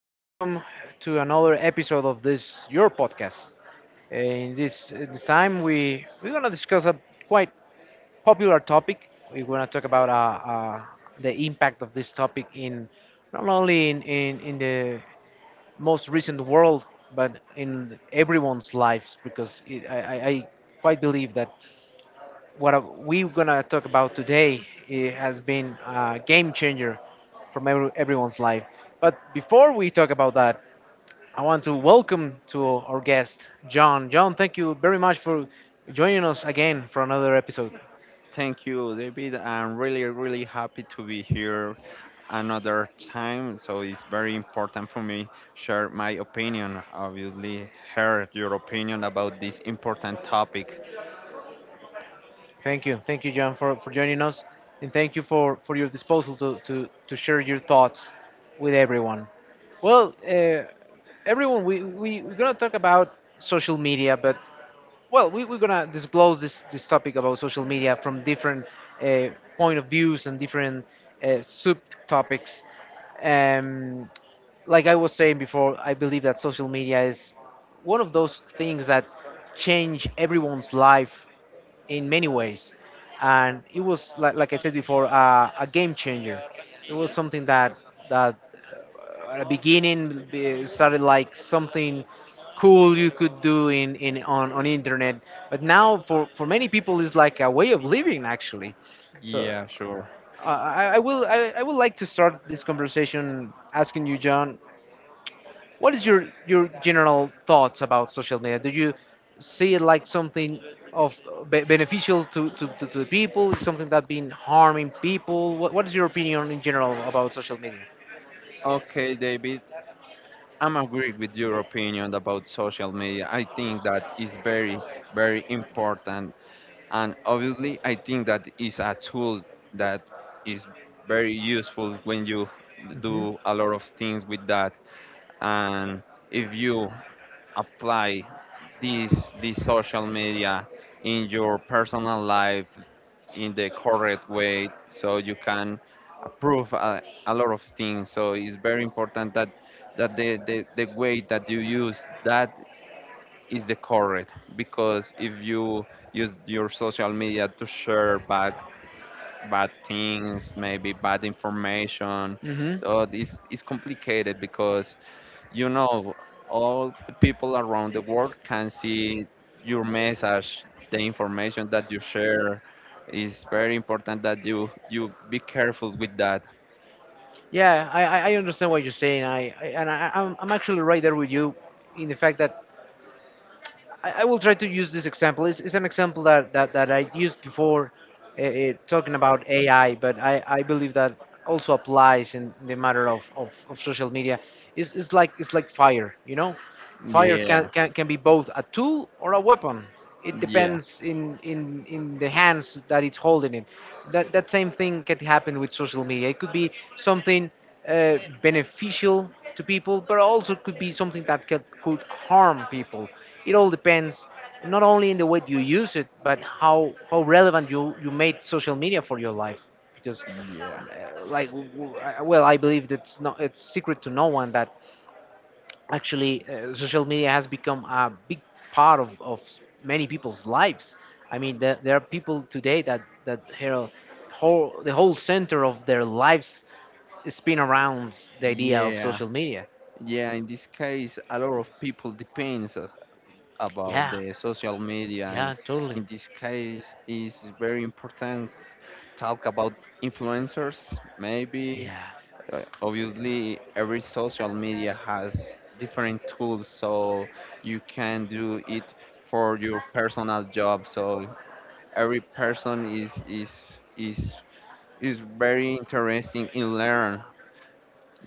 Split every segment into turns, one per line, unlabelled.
Welcome to another episode of this your podcast. In this time, we're gonna discuss a quite popular topic. We're gonna talk about the impact of this topic in not only in the most recent world, but in everyone's lives. Because it, I quite believe that what we're gonna talk about today it has been a game changer from everyone's life. But before we talk about that, I want to welcome to our guest, John. John, thank you very much for joining us again for another episode.
Thank you, David. I'm really, really happy to be here another time. So it's very important for me share my opinion. Obviously, hear your opinion about this important topic.
Thank you. Thank you, John, for joining us. And thank you for your disposal to share your thoughts with everyone. Well, everyone, we're going to talk about social media, but, well, we're going to disclose this topic about social media from different uh, point of views and different subtopics. Um, like I was saying before, I believe that social media is one of those things that change everyone's life in many ways. And it was like I said before, a game changer. It was something that at the beginning started like something cool you could do in on internet, but now for many people is like a way of living actually. So
Yeah, sure.
I would like to start this conversation asking you, John, what is your general thoughts about social media? Do you see it like something of be beneficial to the people? Is something that been harming people? What is your opinion in general about social media?
Okay, David. I'm agree with your opinion about social media. I think that is very, very important, and obviously, I think that is a tool that is very useful when you
hmm
do a lot of things with that, and if you apply this social media in your personal life in the correct way, so you can approve a lot of things. So it's very important that the way that you use that is the correct, because if you use your social media to share bad things, maybe bad information,
hmm
so it's complicated because, you know all the people around the world can see your message, the information that you share. Is very important that you be careful with that.
Yeah, I understand what you're saying. I and I, I'm actually right there with you in the fact that I will try to use this example. It's an example that I used before talking about AI, but I believe that also applies in the matter of social media. It's like fire, you know? Fire
Yeah,
can be both a tool or a weapon. It
yeah,
depends in the hands that it's holding it. That that same thing can happen with social media. It could be something beneficial to people, but also could be something that could harm people. It all depends not only in the way you use it, but how relevant you made social media for your life. Because
yeah,
like well, I believe that's not it's secret to no one that actually social media has become a big part of many people's lives. I mean, there are people today that that here whole the whole center of their lives spin around the idea of
yeah,
social media.
yeah. In this case a lot of people depends about
Yeah,
the social media in,
yeah, totally.
in this case is very important talk about influencers maybe.
Yeah,
Obviously every social media has different tools, so you can do it for your personal job, so every person is is very interesting in learn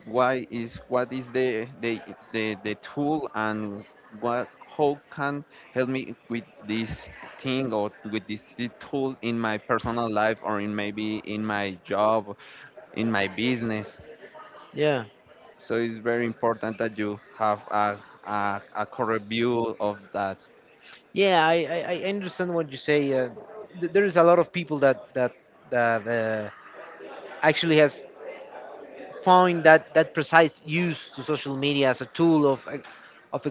why is what is the the tool, and what how can help me with this thing or with this tool in my personal life or in maybe in my job, in my business.
yeah,
So it's very important that you have a correct view of that.
yeah, I understand what you say. There is a lot of people that actually has found that precise use to social media as a tool of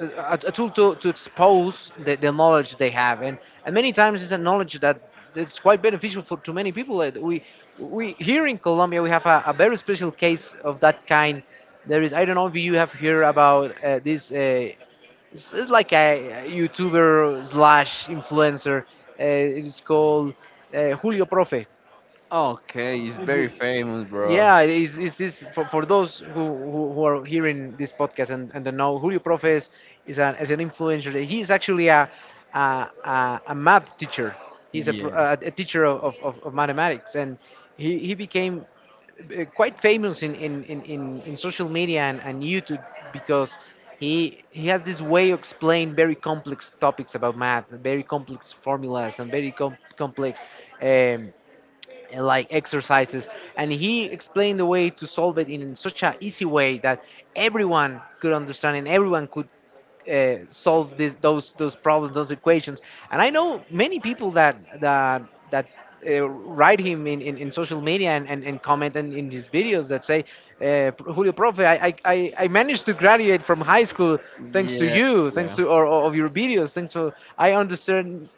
a, a tool to expose the knowledge they have, and many times it's a knowledge that it's quite beneficial for to many people. We here in Colombia we have a very special case of that kind. There is, I don't know if you have heard about this it's like a youtuber slash influencer it is called Julio Profe.
Okay, it's very famous, bro.
Yeah, is this for those who are hearing this podcast and don't know Julio Profe is an influencer. He is actually a math teacher. He's a,
Yeah,
a teacher of mathematics, and he became quite famous in in social media and YouTube because he has this way of explaining very complex topics about math, very complex formulas, and very complex um, like exercises, and he explained the way to solve it in such an easy way that everyone could understand, and everyone could solve this, those problems, those equations. And I know many people that write him in social media and comment and in his videos that say Julio Profe, I managed to graduate from high school thanks to
yeah,
you, thanks
yeah,
to or of your videos, thanks for I understand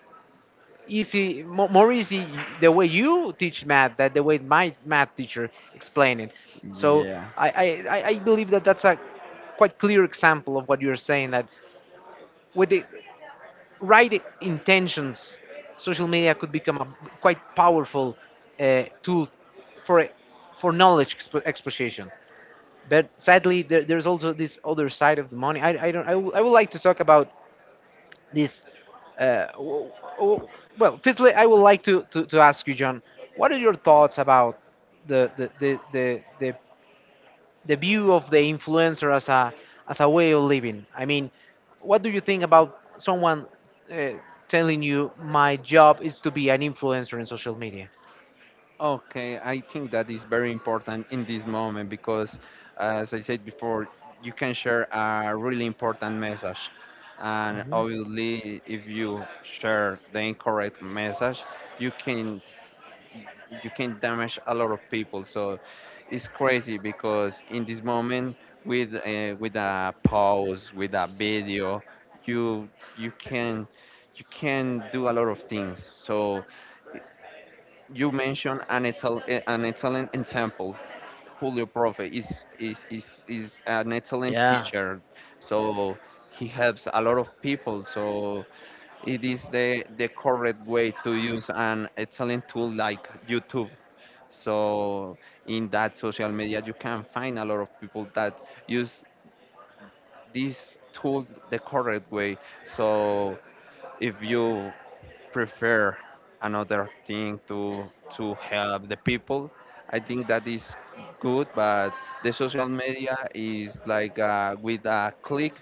easy, more easy the way you teach math than the way my math teacher explained it. So
yeah.
I believe that that's a quite clear example of what you're saying, that with the right intentions, social media could become a quite powerful tool for for knowledge exposition. But sadly, there, there's also this other side of the money. I don't. I would like to talk about this uh, w- w- well, firstly I would like to ask you John, what are your thoughts about the the, the, the, the the view of the influencer as a way of living. I mean, what do you think about someone uh, telling you my job is to be an influencer in social media?
Okay, I think that is very important in this moment because, as I said before, you can share a really important message. And
Mhm.
obviously, if you share the incorrect message, you can damage a lot of people. So it's crazy because in this moment, with a pause, with a video, you you can can do a lot of things. So i- you mentioned an an excellent example. Julio Profe is an excellent
Yeah.
teacher. So he helps a lot of people. So it is the correct way to use an excellent tool like YouTube, so in that social media, you can find a lot of people that use this tool the correct way. So if you prefer another thing to help the people, I think that is good. But the social media is like with a click,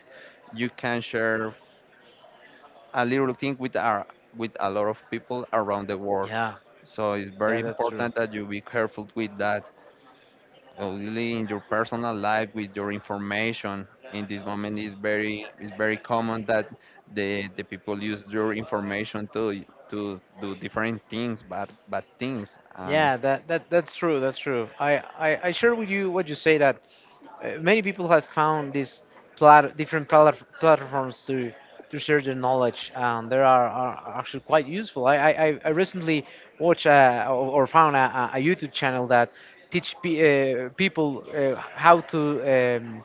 you can share a little thing with our with a lot of people around the world.
Yeah,
So it's
yeah,
very
that's true.
important that you be careful with that. Only in your personal life with your information in this moment is very common that the people use your information to do different things, bad things. And
Yeah, that, that that's true. That's true. I share with you what you say that many people have found these different platforms to share their knowledge, and they are actually quite useful. I recently watched or found a YouTube channel that teach people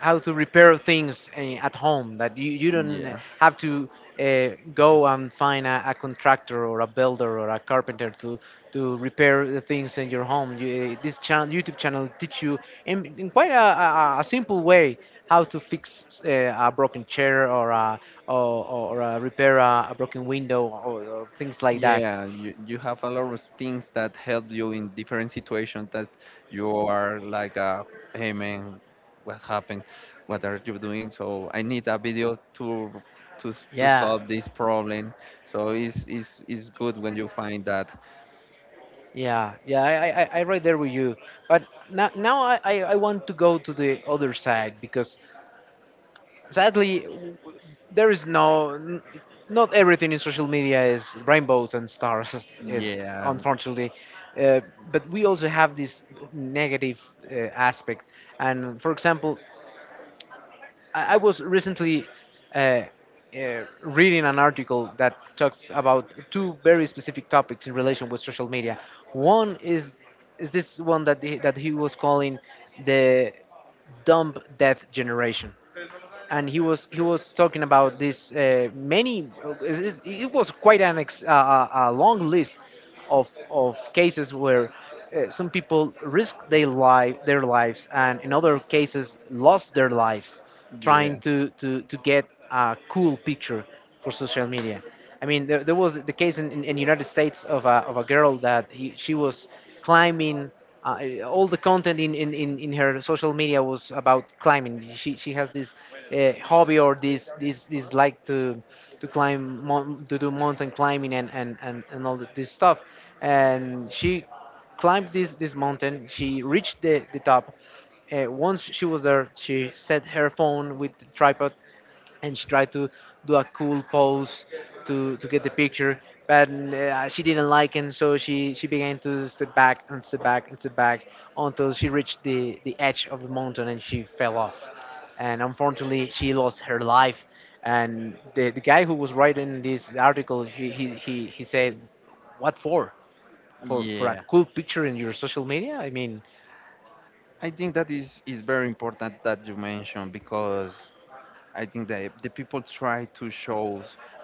how to repair things eh, at home that you don't
yeah,
have to go and find a contractor or a builder or a carpenter to repair the things in your home. You, eh, this channel youtube channel teach you in quite a simple way how to fix a broken chair or a, or, or repair a broken window or things like that.
yeah. You have a lot of things that help you in different situations, that you are like, hey man, what happened, what are you doing, so I need a video to to
Yeah.
solve this problem. So it's good when you find that.
Yeah, yeah, I right there with you. But now, now I want to go to the other side because sadly, there is no, not everything in social media is rainbows and stars, it-
Yeah,
unfortunately. Uh, but we also have this negative aspect. And for example, I was recently reading an article that talks about two very specific topics in relation with social media. One is this one that he was calling the dumb death generation, and he was talking about this many was quite an ex, a long list of cases where some people risked their life, their lives, and in other cases lost their lives
yeah,
trying to get a cool picture for social media. I mean, there was the case in in United States of a girl that he, she was climbing. All the content in, in her social media was about climbing. She has this hobby or this like to climb to do mountain climbing and all this stuff. And she climbed this, this mountain. She reached the top. Once she was there, she set her phone with the tripod and she tried to do a cool pose to get the picture, but she didn't like it. So she began to step back and step back and step back until she reached the edge of the mountain and she fell off, and unfortunately she lost her life. And the guy who was writing this article, he said, what for? For a
yeah.
cool picture in your social media? I mean,
I think that is very important that you mentioned, because I think that the people try to show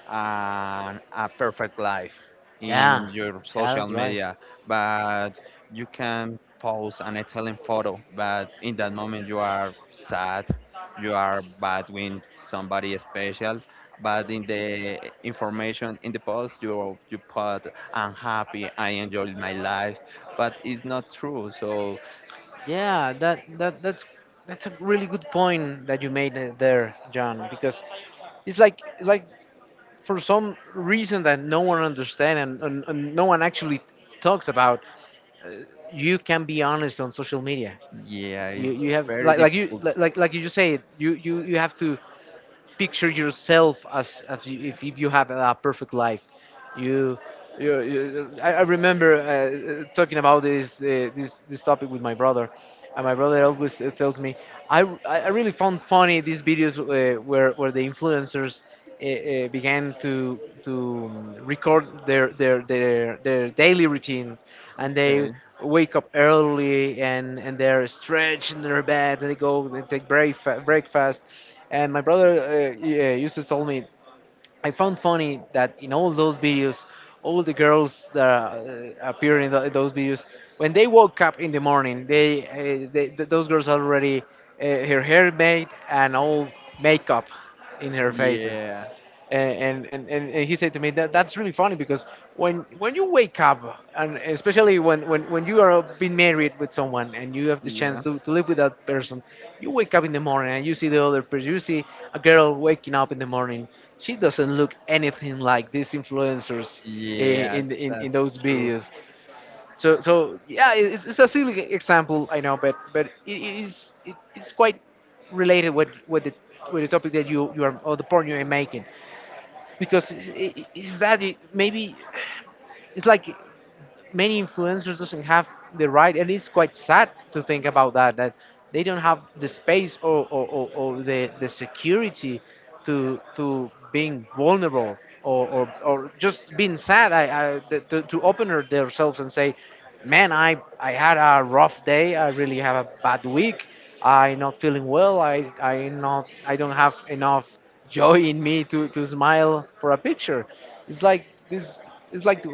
a perfect life in
yeah,
your
yeah,
social
that's right.
media, but you can post an excellent photo, but in that moment you are sad, you are bad with somebody special, but in the information in the post you put I'm happy, I enjoyed my life, but it's not true. So
Yeah, that's that's a really good point that you made there, John. Because it's like for some reason that no one understands, and no one actually talks about, you can be honest on social media.
yeah,
You
it's
you have
very difficult.
like you just say, you have to picture yourself as you, if you have a perfect life. You, I remember talking about this, this this topic with my brother, and my brother always tells me I really found funny these videos where the influencers. Began to record their daily routines, and they
Okay.
wake up early and they're stretched in their bed. And they go they take breakfast, and my brother yeah, used to tell me, I found funny that in all those videos, all the girls that appear in those videos, when they woke up in the morning, those girls already her hair made and all makeup in her faces.
Yeah.
And he said to me that that's really funny because when you wake up, and especially when you are being married with someone and you have the
Yeah.
chance to live with that person, you wake up in the morning and you see the other person, you see a girl waking up in the morning. She doesn't look anything like these influencers i-
Yeah,
in in, in
that's
those
true.
videos. So yeah, it's a silly example, I know, but it is it's quite related with the topic that you are, or the point you are making, because is that maybe it's like many influencers doesn't have the right, and it's quite sad to think about that they don't have the space, or the security to being vulnerable, or just being sad, to open themselves and say, man, I had a rough day, I really have a bad week, I'm not feeling well, I don't have enough joy in me to smile for a picture. It's like this, it's like,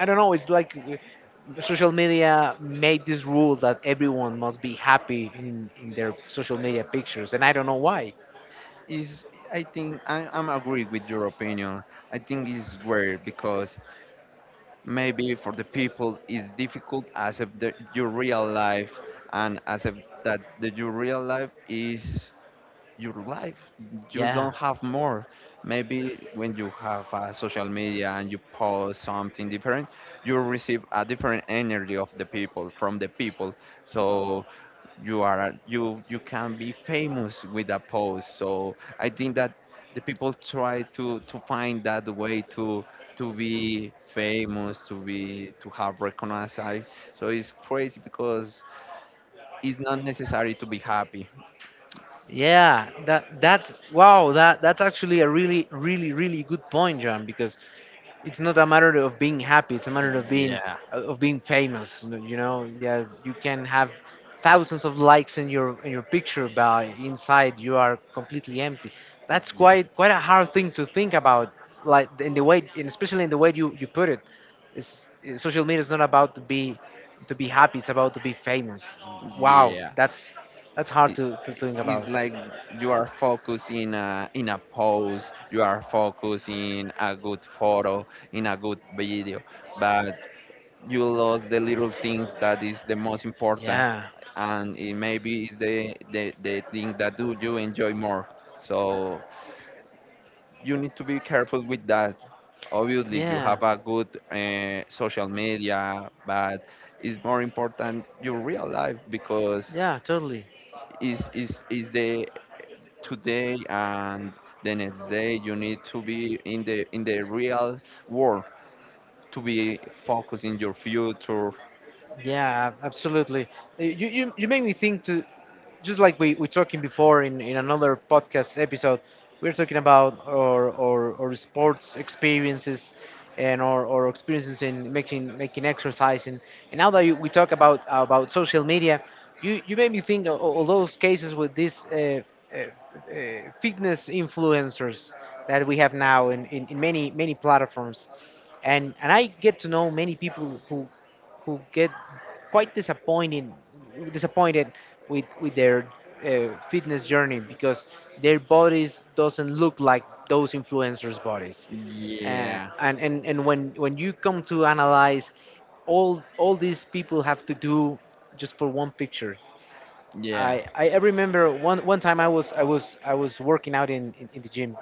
I don't know. It's like social media made this rule that everyone must be happy in their social media pictures, and I don't know why.
Is I think I'm agree with your opinion. I think it's weird because maybe for the people it's difficult as if your real life, and as if your real life is your life. You
Yeah.
don't have more. Maybe when you have social media and you post something different, you receive a different energy of the people from the people. So you are you you can be famous with a post, so I think that the people try to find that way to be famous, to be to have recognized so it's crazy because it's not necessary to be happy.
Yeah, that that's wow. That that's actually a really, really, really good point, John. Because it's not a matter of being happy; it's a matter
Yeah,
of being famous. You know, yeah, you can have thousands of likes in your picture, but inside you are completely empty. That's
yeah,
quite a hard thing to think about, like in the way, and especially in the way you put it. It's, social media is not about to be happy; it's about to be famous. Wow,
yeah.
that's hard
it,
to think
it's
about.
like you are focused in a pose, you are focused in a good photo, in a good video, but you lose the little things that is the most important.
Yeah.
And it maybe is the thing that do you enjoy more. So you need to be careful with that. Obviously you
Yeah.
have a good social media, but it's more important your real life, because
Yeah, totally.
is the today, and the next day you need to be in the real world, to be focused in your future.
Yeah, absolutely. You make me think to, just like we talking before in another podcast episode, we are talking about our sports experiences and our experiences in making exercise, and now that you, we talk about social media, you made me think of all those cases with these uh, fitness influencers that we have now in many platforms. And I get to know many people who get quite disappointed with their fitness journey because their bodies doesn't look like those influencers' bodies. Uh,
Yeah,
and, and and when you come to analyze all these people have to do just for one picture.
yeah.
I remember one time I was I was I was working out in the gym,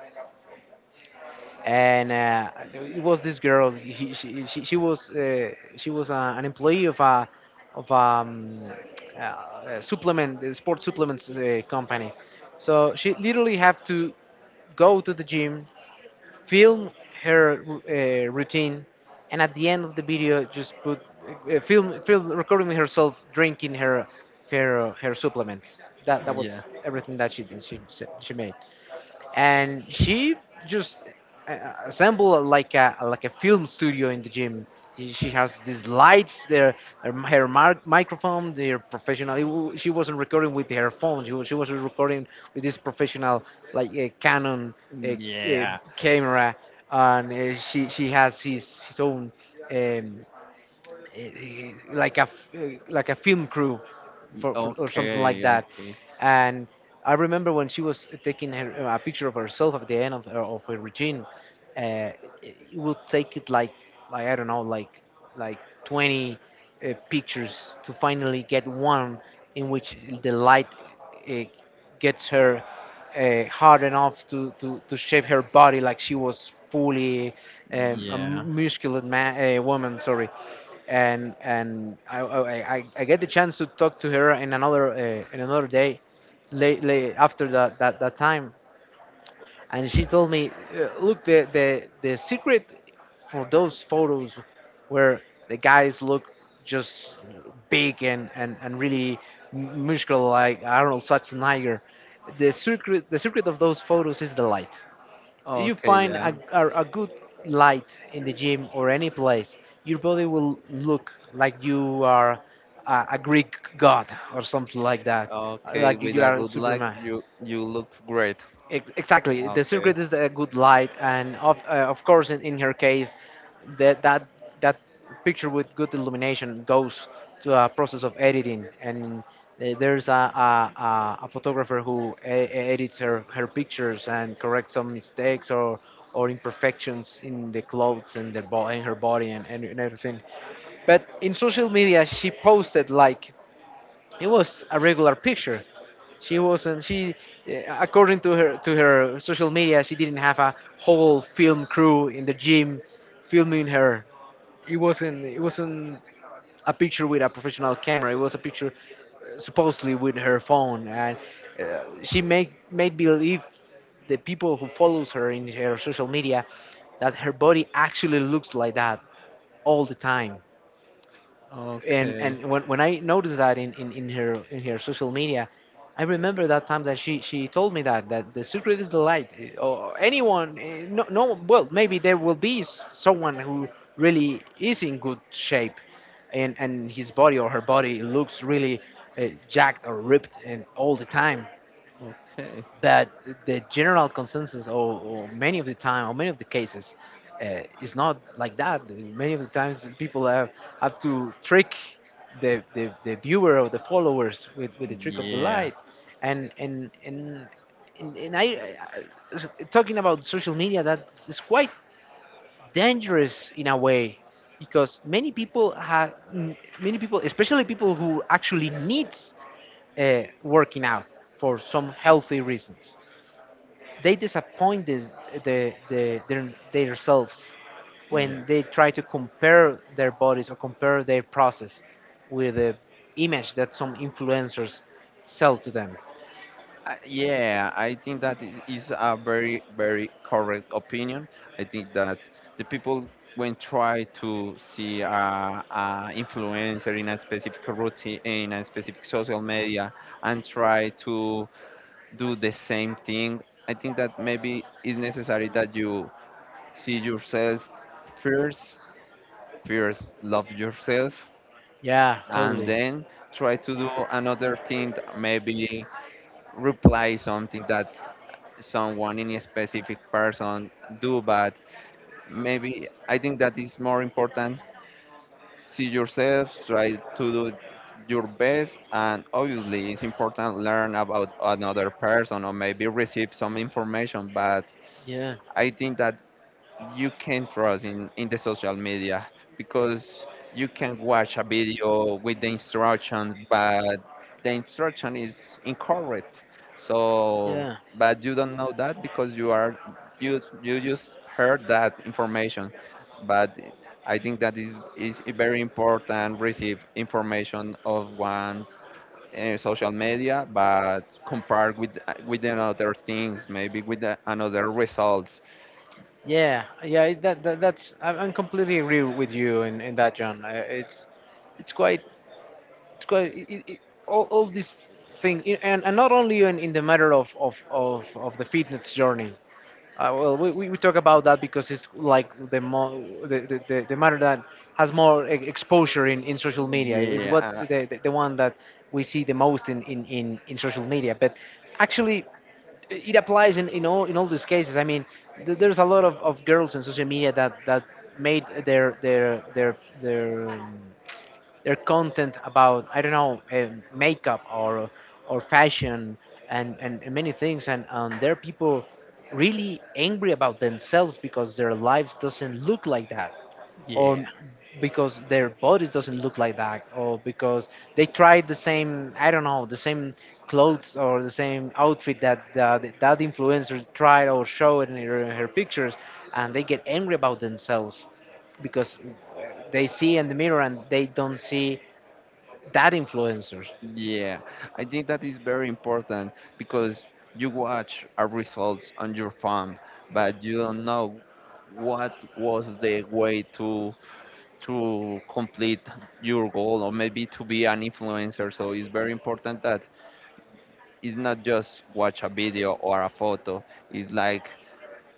and it was this girl. She was she was an employee of a of supplement sports supplements company. So she literally have to go to the gym, film her routine, and at the end of the video, just put film film recording herself drinking her her supplements. That
Yeah.
was everything that she did. She made, and she just assembled like a film studio in the gym. She has these lights, there, her, her microphone, their professional. She wasn't recording with her phone. She was recording with this professional, like Canon uh, uh,
Yeah.
camera, and she has his own um, like a like a film crew for or something like
Okay.
that.
Okay.
And I remember when she was taking her, a picture of herself at the end of her routine, it it would take it like I don't know, like 20 pictures to finally get one in which the light uh, gets her hard enough to shape her body like she was fully a
Yeah.
muscular man, woman. Sorry. And I get the chance to talk to her in another day, late, late after that that time, and she told me, Look, the secret for those photos where the guys look just big and really muscular like Arnold Schwarzenegger, the secret of those photos is the light. You
Okay.
find
Yeah.
a good light in the gym or any place, your body will look like you are a Greek god or something like that,
Okay.
like
With
you
a
are
good light,
Superman."
you look great.
Exactly. The
Okay.
secret is a good light, and of course, in her case, that that that picture with good illumination goes to a process of editing, and there's a photographer who edits her, her pictures and corrects some mistakes or imperfections in the clothes and the in her body and everything. But in social media, she posted like it was a regular picture. She wasn't. She, eh, according to her social media, she didn't have a whole film crew in the gym filming her. It wasn't. It wasn't a picture with a professional camera. It was a picture eh, supposedly with her phone, and she made believe the people who follows her in her social media that her body actually looks like that all the time. and
Okay.
and when I noticed that in her social media, I remember that time that she told me that that the secret is the light. Eh, or anyone, eh, no, no, well, maybe there will be someone who really is in good shape, and his body or her body looks really jacked or ripped and all the time,
Okay.
that the general consensus, or many of the time or many of the cases is not like that. Many of the times people have to trick the viewer or the followers with the trick of the
Yeah.
light. And and and and I- Talking about social media, that is quite dangerous in a way because many people have, many people especially people who actually needs working out for some healthy reasons, they disappointed the, their, themselves
Yeah.
when they try to compare their bodies or compare their process with the image that some influencers sell to them.
Yeah. I think that is a very very correct opinion. I think that the people when try to see a influencer in a specific routine in a specific social media, and try to do the same thing. I think that maybe it's necessary that you see yourself first, first love yourself,
Yeah,
and
totally.
then try to do another thing, that maybe reply something that someone in a specific person do, but maybe I think that is more important. See yourself, try to do your best, and obviously it's important learn about another person or maybe receive some information. But
Yeah.
I think that you can trust in the social media, because you can watch a video with the instruction, but the instruction is incorrect, so, but you don't know that because you are you you just heard that information. But I think that is very important receive information of one social media, but compared with another things, maybe with another results.
Yeah, that's I'm completely agree with you in that, John. It's quite it's quite it, it, it- all this thing and not only in the matter of the fitness journey. Well we talk about that because it's like the the matter that has more exposure in social media. It's what
Yeah,
the one that we see the most in social media. But actually it applies in all these cases. I mean, there's a lot of girls in social media that made their um, their content about, I don't know, makeup or fashion and many things. And there are people really angry about themselves because their lives doesn't look like that, or
yeah,
because their bodies doesn't look like that, or because they tried the same, I don't know, the same clothes or the same outfit that that influencer tried or showed in her, her pictures, and they get angry about themselves because they see in the mirror and they don't see that influencers.
yeah. I think that is very important, because you watch a results on your phone, but you don't know what was the way to complete your goal, or maybe to be an influencer. So it's very important that it's not just watch a video or a photo. It's like,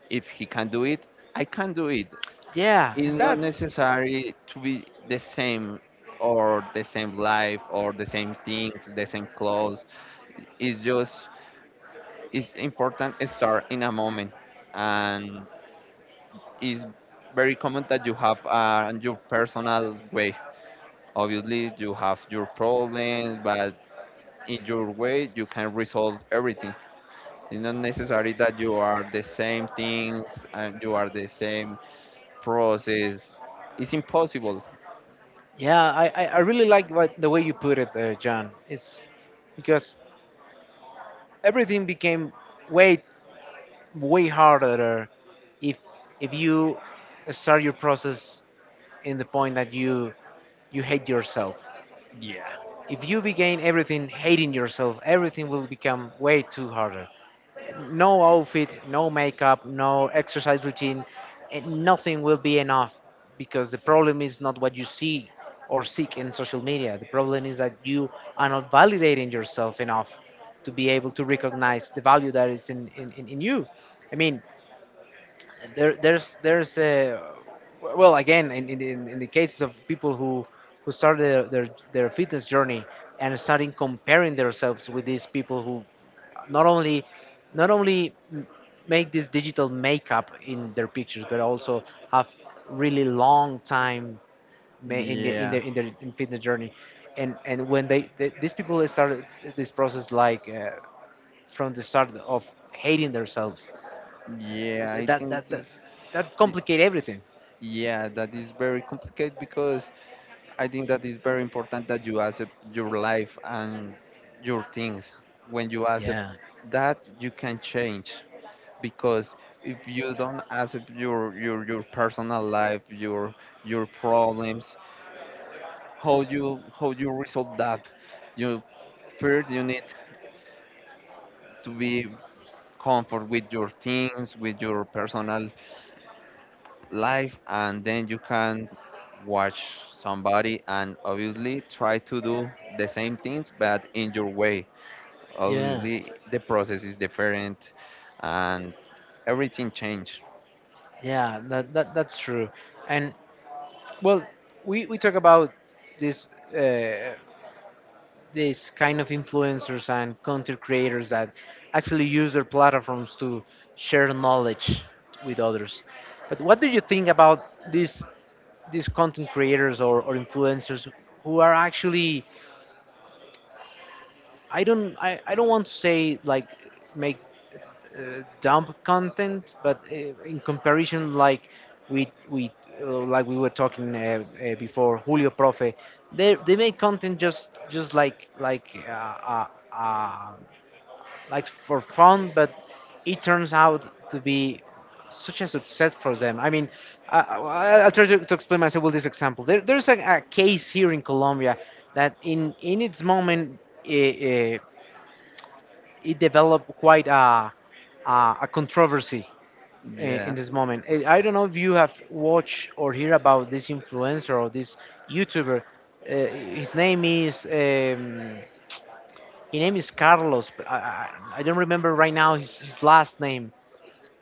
if he can do it, I can do it.
Yeah,
It's not
that's.
necessary to be the same, or the same life, or the same things, the same clothes. It's just it's important start in a moment, and it's very common that you have your personal way. Obviously, you have your problems, but in your way you can resolve everything. It's not necessary that you are the same things and you are the same process. It's impossible.
Yeah, I really like what, the way you put it, John. It's because everything became way way harder if if you start your process in the point that you hate yourself. If you begin everything hating yourself, everything will become way too harder. No outfit, no makeup, no exercise routine, and nothing will be enough, because the problem is not what you see or seek in social media. The problem is that you are not validating yourself enough to be able to recognize the value that is in you. I mean, there's a, well, again, in the cases of people who start their fitness journey and starting comparing themselves with these people who not only not only make this digital makeup in their pictures, but also have really long time ma- in the in
Yeah,
their in their in fitness journey. And when they these people started this process, like, from the start of hating themselves,
yeah. I
that that
think it
that,
is.
that
y-
complicate everything.
Yeah, that is very complicated, because I think that is very important that you accept your life and your things. When you accept
Yeah,
that, you can change, because if you don't accept your personal life, your problems, how you resolve that? You First you need to be comfort with your things, with your personal life, and then you can watch somebody, and obviously try to do the same things but in your way.
yeah,
Obviously, the process is different, and everything changed.
yeah. That that that's true. And, well, we talk about this, uh, this kind of influencers and content creators that actually use their platforms to share knowledge with others. But what do you think about these these content creators, or influencers, who are actually— I don't want to say like make dump content, but, in comparison, like, we like we were talking, before, Julio Profe, they make content just like, uh, like, for fun, but it turns out to be such a success for them. I mean, I'll try to explain myself with this example. There's a case here in Colombia that, in its moment— Uh, uh, it developed quite a, a controversy in
Yeah,
this moment. I don't know if you have watched or hear about this influencer or this YouTuber. Uh, his name is um, his name is Carlos, but I don't remember right now his last name.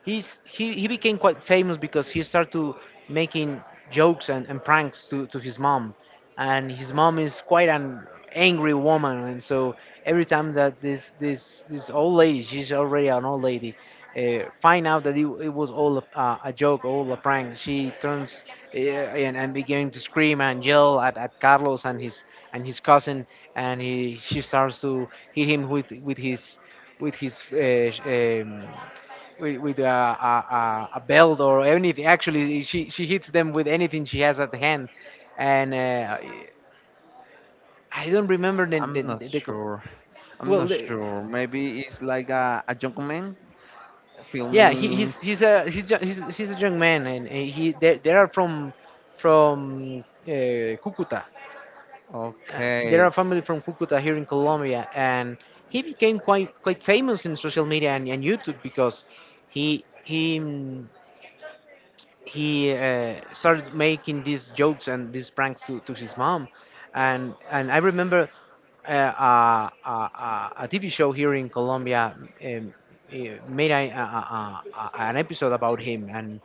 He became quite famous because he started to making jokes and pranks to his mom. And his mom is quite an angry woman, and so every time that this old lady— she's already an old lady— find out that it was all a joke, all a prank, she turns, and began to scream and yell at Carlos and his, and his cousin. And he she starts to hit him with with his uh, sh- um, with a, a belt or anything. Actually, she hits them with anything she has at hand. And I don't remember the
I'm
the,
not
the, the co-
sure. I'm
well.
not sure. Maybe it's like a document
Yeah,
filming.
he's a young man, and they are from Cucuta. Uh, they are
Okay,
a family from Cucuta here in Colombia, and he became quite famous in social media and YouTube because he he. mm, he started making these jokes and these pranks to his mom. And I remember, uh, a, a, TV show here in Colombia, um, made an episode about him, and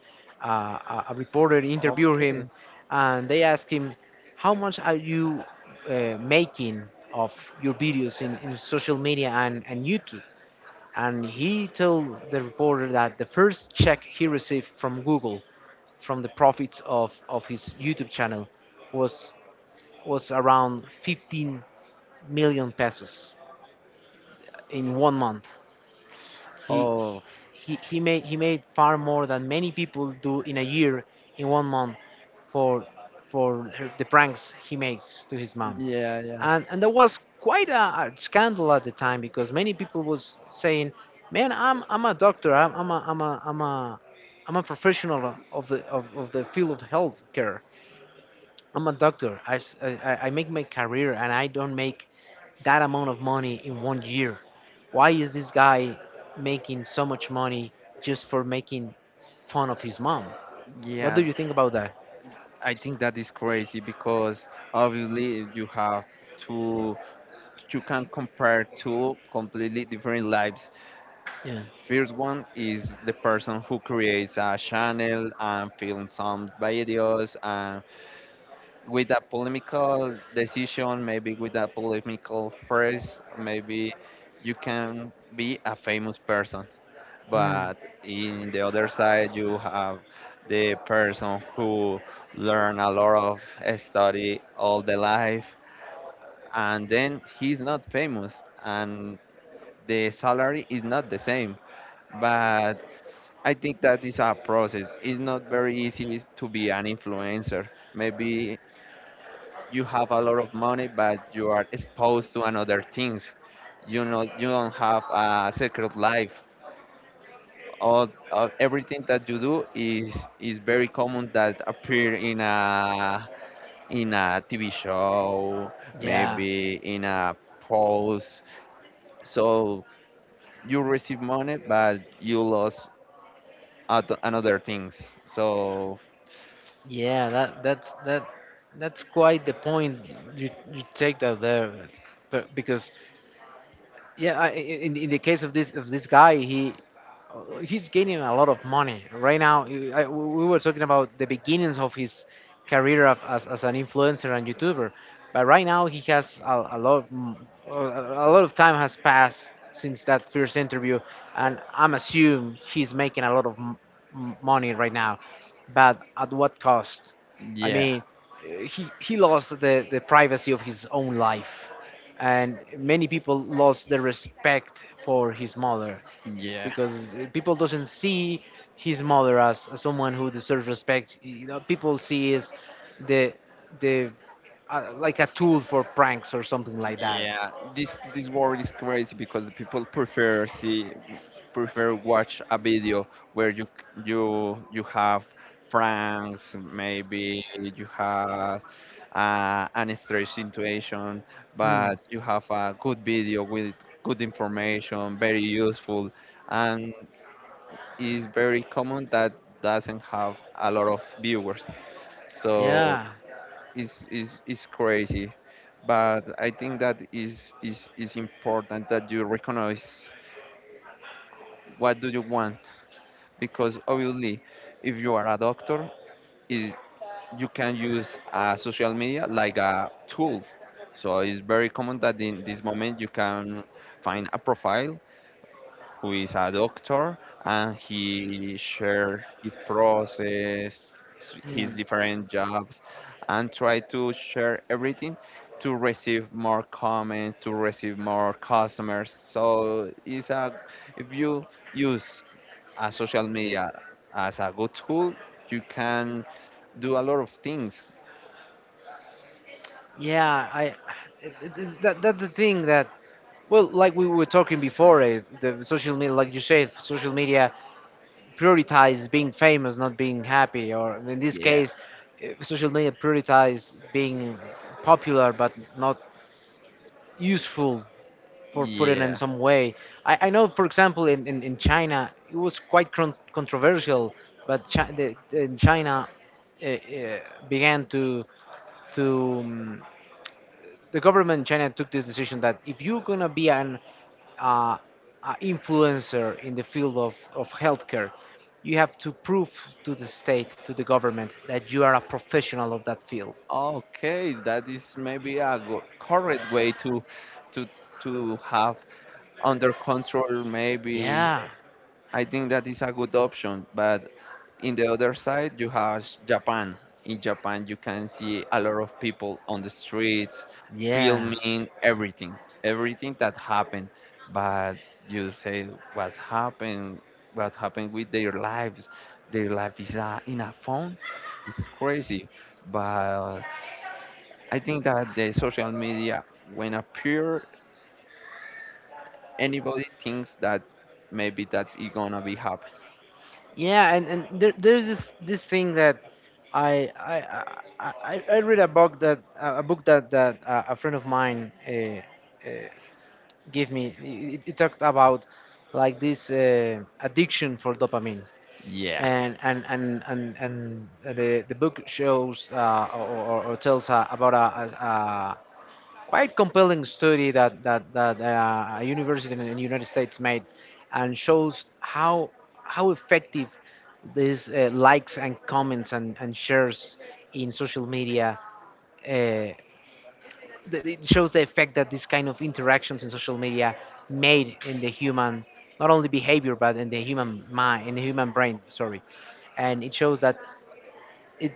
a reporter interviewed him,
okay.
and they asked him, "How much are you making of your videos in social media and YouTube?" And he told the reporter that the first check he received from Google, from the profits of his YouTube channel, was around 15 million pesos in one month. He
Oh,
he made far more than many people do in a year, in one month, for the pranks he makes to his mom.
yeah, yeah,
And there was quite a scandal at the time, because many people was saying, "Man, I'm a doctor. I'm a I'm a I'm a I'm a professional of the, of the field of healthcare. I'm a doctor. I make my career, and I don't make that amount of money in one year. Why is this guy making so much money just for making fun of his mom?" What do
yeah.
you think about that?
I think that is crazy because obviously you have two, you can compare two completely different lives.
Yeah.
First one is the person who creates a channel and films some videos, and with a polemical decision, maybe with a polemical phrase, maybe you can be a famous person.
Mm.
But in the other side, you have the person who learn a lot of study all the life, and then he's not famous, and the salary is not the same, but I think that is a process. It's not very easy to be an influencer. Maybe you have a lot of money, but you are exposed to another things. You know, you don't have a secret life. All everything that you do is very common that appear in a TV show,
Yeah.
maybe in a post. So you receive money, but you lost other another things. So.
Yeah. That's quite the point you take that there, but, because— yeah, in the case of this, guy, he, he's gaining a lot of money right now. We were talking about the beginnings of his career as an influencer and YouTuber, but right now he has a lot of time has passed since that first interview, and I'm assume he's making a lot of money right now, but at what cost? I
Yeah,
mean, he lost the privacy of his own life, and many people lost the respect for his mother,
yeah,
because people doesn't see his mother as someone who deserves respect. You know, people see is the the, like a tool for pranks or something like that.
yeah. This world is crazy, because the people prefer watch a video where you have pranks, maybe you have an strange situation,
Hmm.
but you have a good video with good information, very useful, and it's very common that doesn't have a lot of viewers. So
Yeah.
is crazy, but I think that is important that you recognize what do you want, because obviously if you are a doctor is you can use social media like a tool, so it's very common that in this moment you can find a profile who is a doctor, and he shared his process, his
Hmm.
different jobs, and try to share everything to receive more comments, to receive more customers. So it's a if you use a social media as a good tool, you can do a lot of things.
Yeah, I it, is— that's the thing that, well, like we were talking before, is the social media. Like you said, social media prioritizes being famous, not being happy, or, in this
Yeah,
case, social media prioritizes being popular but not useful, for putting in
yeah.
some way. I know, for example, in China, it was quite controversial, but, in China, uh, uh, began to the government in China took this decision that, if you're gonna be an, uh, influencer in the field of healthcare, you have to prove to the state, to the government, that you are a professional of that field.
Okay, that is maybe a correct way to to have under control maybe.
Yeah,
I think that is a good option, but in the other side you have Japan. In Japan you can see a lot of people on the streets
yeah,
filming everything, everything that happened, but you say what happened, what happened with their lives. Their life is in a phone. It's crazy, but I think that the social media, when appear, anybody thinks that maybe that's it gonna be happen.
yeah. And there's this thing that— I I I read a book, that a friend of mine, uh, give me, it talked about, like, this addiction for dopamine,
Yeah,
and the book shows, or tells, about a quite compelling study that a university in the United States made, and shows how effective these likes and comments and shares in social media— uh, it shows the effect that these kind of interactions in social media made in the human, not only behavior, but in the human mind, in the human brain, sorry. And it shows that, it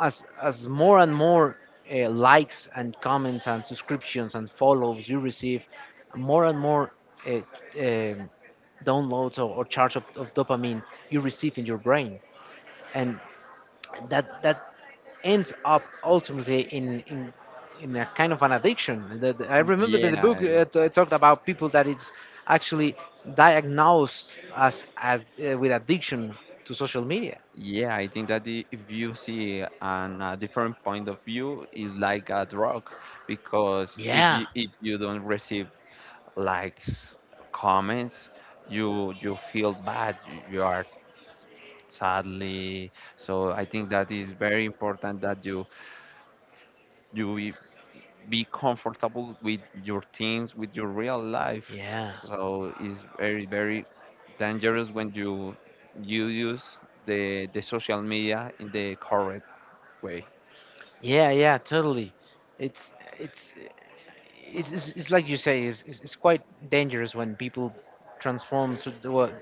as more and more likes and comments and subscriptions and follows you receive, more and more, uh, um downloads, or charge of dopamine you receive in your brain, and that ends up, ultimately, in a kind of an addiction. That I remember that the
yeah,
book talked about people that it's actually diagnosed as, with addiction to social media.
yeah. I think that if you see on a different point of view, it's like a drug, because if
Yeah,
you, if you don't receive likes, comments, you feel bad. You are sadly. So I think that is very important that you be comfortable with your things, with your real life.
yeah.
So it's very, very dangerous when you use the social media in the correct way.
Yeah, yeah, totally. It's it's it's like you say, it's quite dangerous when people transform so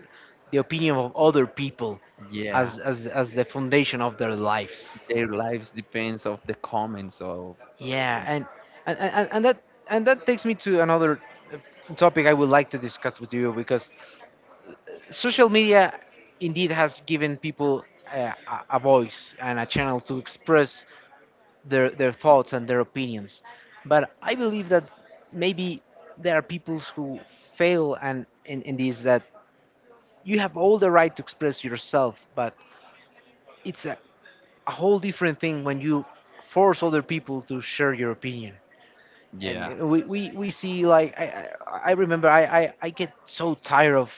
the opinion of other people
Yeah,
as the foundation of their lives.
their lives depends of the comments. So
Yeah, and, and and that and that takes me to another topic I would like to discuss with you, because social media indeed has given people uh, a voice and a channel to express their thoughts and their opinions. But I believe that maybe there are people who fail and in, this, that you have all the right to express yourself, but it's a whole different thing when you force other people to share your opinion. And
yeah,
we see, like, I remember, I get so tired of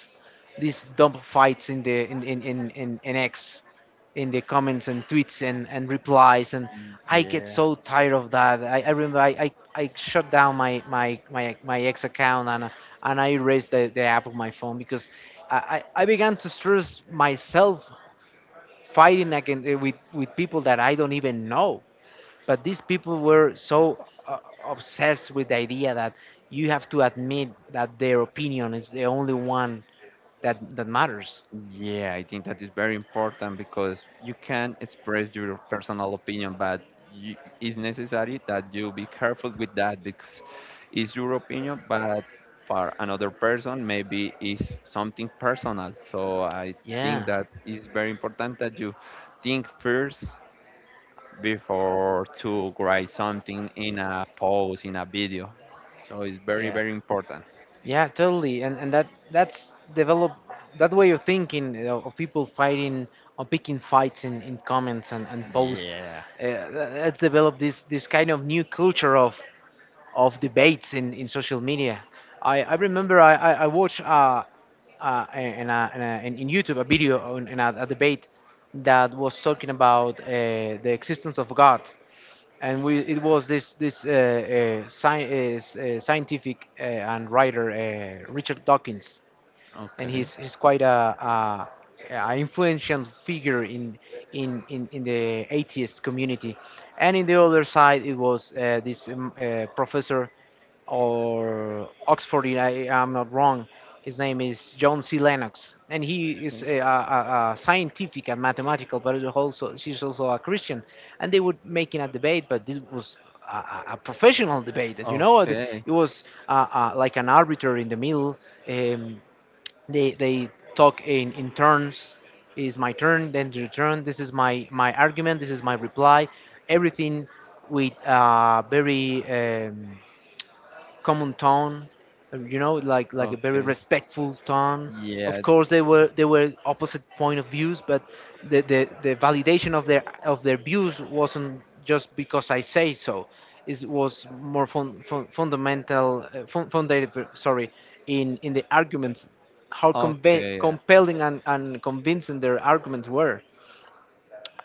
these dumb fights, in the in X, in the comments and tweets and replies, and I get
yeah.
so tired of that. I remember, I shut down my ex account, and I erased the app of my phone, because I, I began to stress myself fighting again with people that I don't even know, but these people were so obsessed with the idea that you have to admit that their opinion is the only one that matters.
Yeah, I think that is very important, because you can express your personal opinion, but it's necessary that you be careful with that, because it's your opinion, but for another person, maybe it's something personal. So I think
Yeah,
that it's very important that you think first before to write something in a post, in a video. So it's very,
yeah.
very important.
Yeah, totally. And that's developed that way of thinking, you know, of people fighting or picking fights in comments and posts.
Yeah.
That's developed this kind of new culture of debates in social media. I remember, I watched, in YouTube, a video in a debate that was talking about the existence of God. It was this, scientific, and writer, Richard Dawkins, and
Okay.
he's quite a influential figure in the atheist community. And in the other side, it was, this, professor or Oxford. I'm not wrong. His name is John C. Lennox, and he is
Okay.
a a scientific and mathematical, but is also— she's also a Christian, and they would making a debate, but this was a, a professional debate. You know, it
Okay.
was, like an arbiter in the middle. Um, they talk in turns. Is my turn, then your turn. This is my argument. This is my reply. Everything with, very, common tone, you know, like, a very
Okay.
respectful tone. Of
Yeah.
course, they were opposite point of views, but the validation of their views wasn't just because I say so. It was more fundamental, founded, sorry, in the arguments, how
Okay.
compelling and convincing their arguments were,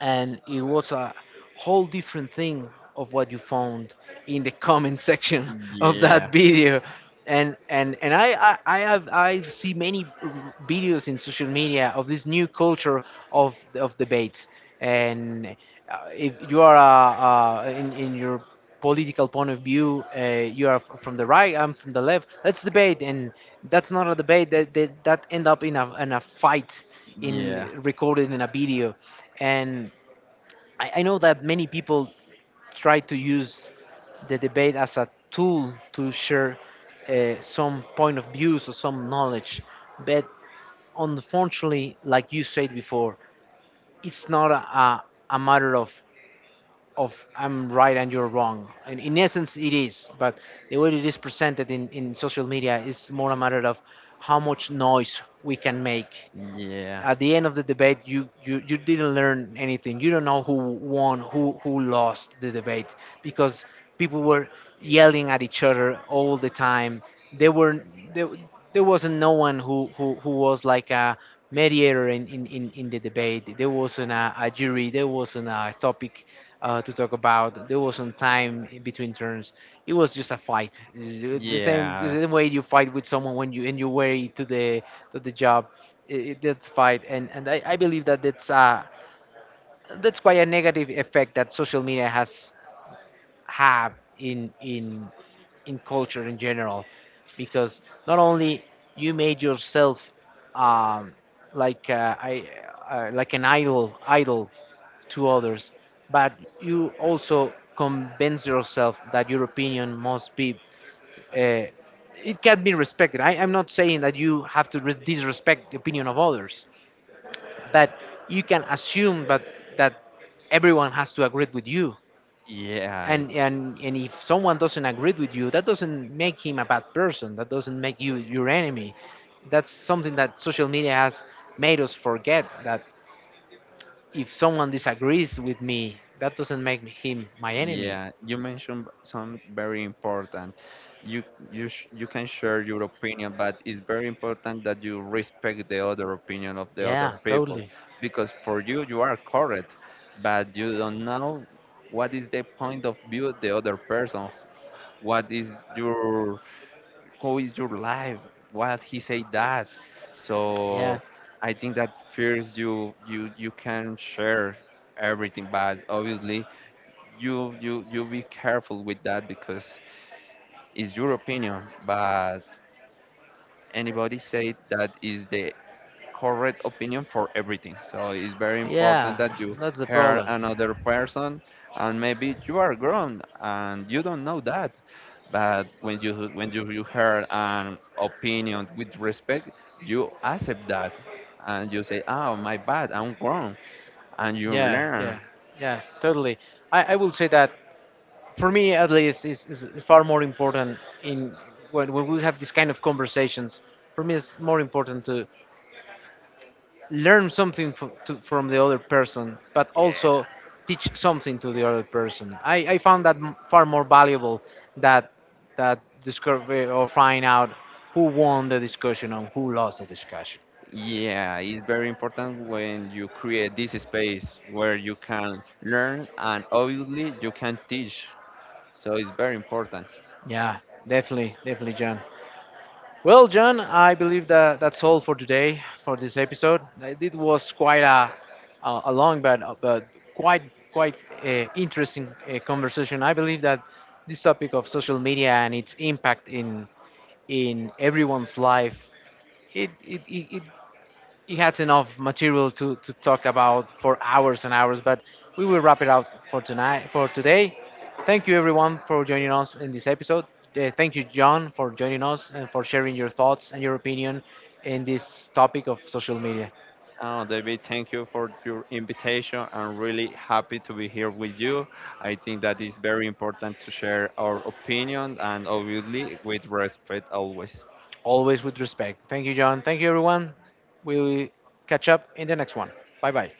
and it was a whole different thing of what you found in the comment section of
Yeah.
that
Yeah.
video. I have, I see many videos in social media of this new culture of debates. And if you are in your political point of view, you are from the right, I'm from the left, let's debate. And that's not a debate. That end up in a fight,
Yeah.
in recorded in a video. And I know that many people try to use the debate as a tool to share some point of views or some knowledge. But, unfortunately, like you said before, it's not a matter of I'm right and you're wrong. And in essence, it is. But the way it is presented in social media is more a matter of how much noise we can make.
Yeah.
At the end of the debate, you didn't learn anything. You don't know who won, who lost the debate, because people were yelling at each other all the time. There were there, there wasn't no one who was like a mediator in the debate. There wasn't a jury. There wasn't a topic to talk about. There wasn't time between turns. It was just a fight, the same way you fight with someone when you in your way to the job. That's fine. And I believe that that's quite a negative effect that social media has have in in in culture in general. Because not only you made yourself um like I like an idol to others, but you also convince yourself that your opinion must be uh, it can be respected. I'm not saying that you have to disrespect the opinion of others, but you can assume but that everyone has to agree with you.
Yeah.
And If someone doesn't agree with you, that doesn't make him a bad person. That doesn't make you your enemy. That's something that social media has made us forget, that if someone disagrees with me, that doesn't make him my enemy.
Yeah. You mentioned some very important. You you can share your opinion, but it's very important that you respect the other opinion of the other
Yeah,
people,
totally.
because for you are correct, but you don't know what is the point of view of the other person. What is your How is your life, what he said that.
yeah
So I think that first you can share everything, but obviously you be careful with that, because it's your opinion, but anybody say that is the correct opinion for everything. So it's very important
yeah
that you
that's the
hear
problem.
another person, and maybe you are grown and you don't know that. But when you hear an opinion with respect, you accept that, and you say, "Oh, my bad, I'm grown," and you
yeah yeah
learn.
yeah, totally. I will say that, for me at least, is far more important in when we have these kind of conversations, for me it's more important to learn something from the other person, but also teach something to the other person. I found that far more valuable that, that discovery or find out who won the discussion or who lost the discussion.
Yeah, it's very important when you create this space where you can learn and obviously you can teach. So it's very important.
yeah Definitely. Definitely, John. Well, John, I believe that that's all for today, for this episode. It was quite a a long but quite quite interesting conversation. I believe that this topic of social media and its impact in everyone's life, it he has enough material to talk about for hours and hours, but we will wrap it up for tonight, for today. Thank you, everyone, for joining us in this episode. Thank you, John, for joining us and for sharing your thoughts and your opinion in this topic of social media.
Oh, David, thank you for your invitation. I'm really happy to be here with you. I think that is very important to share our opinion, and obviously with respect always.
Always with respect. Thank you, John. Thank you, everyone. We'll catch up in the next one. Bye bye.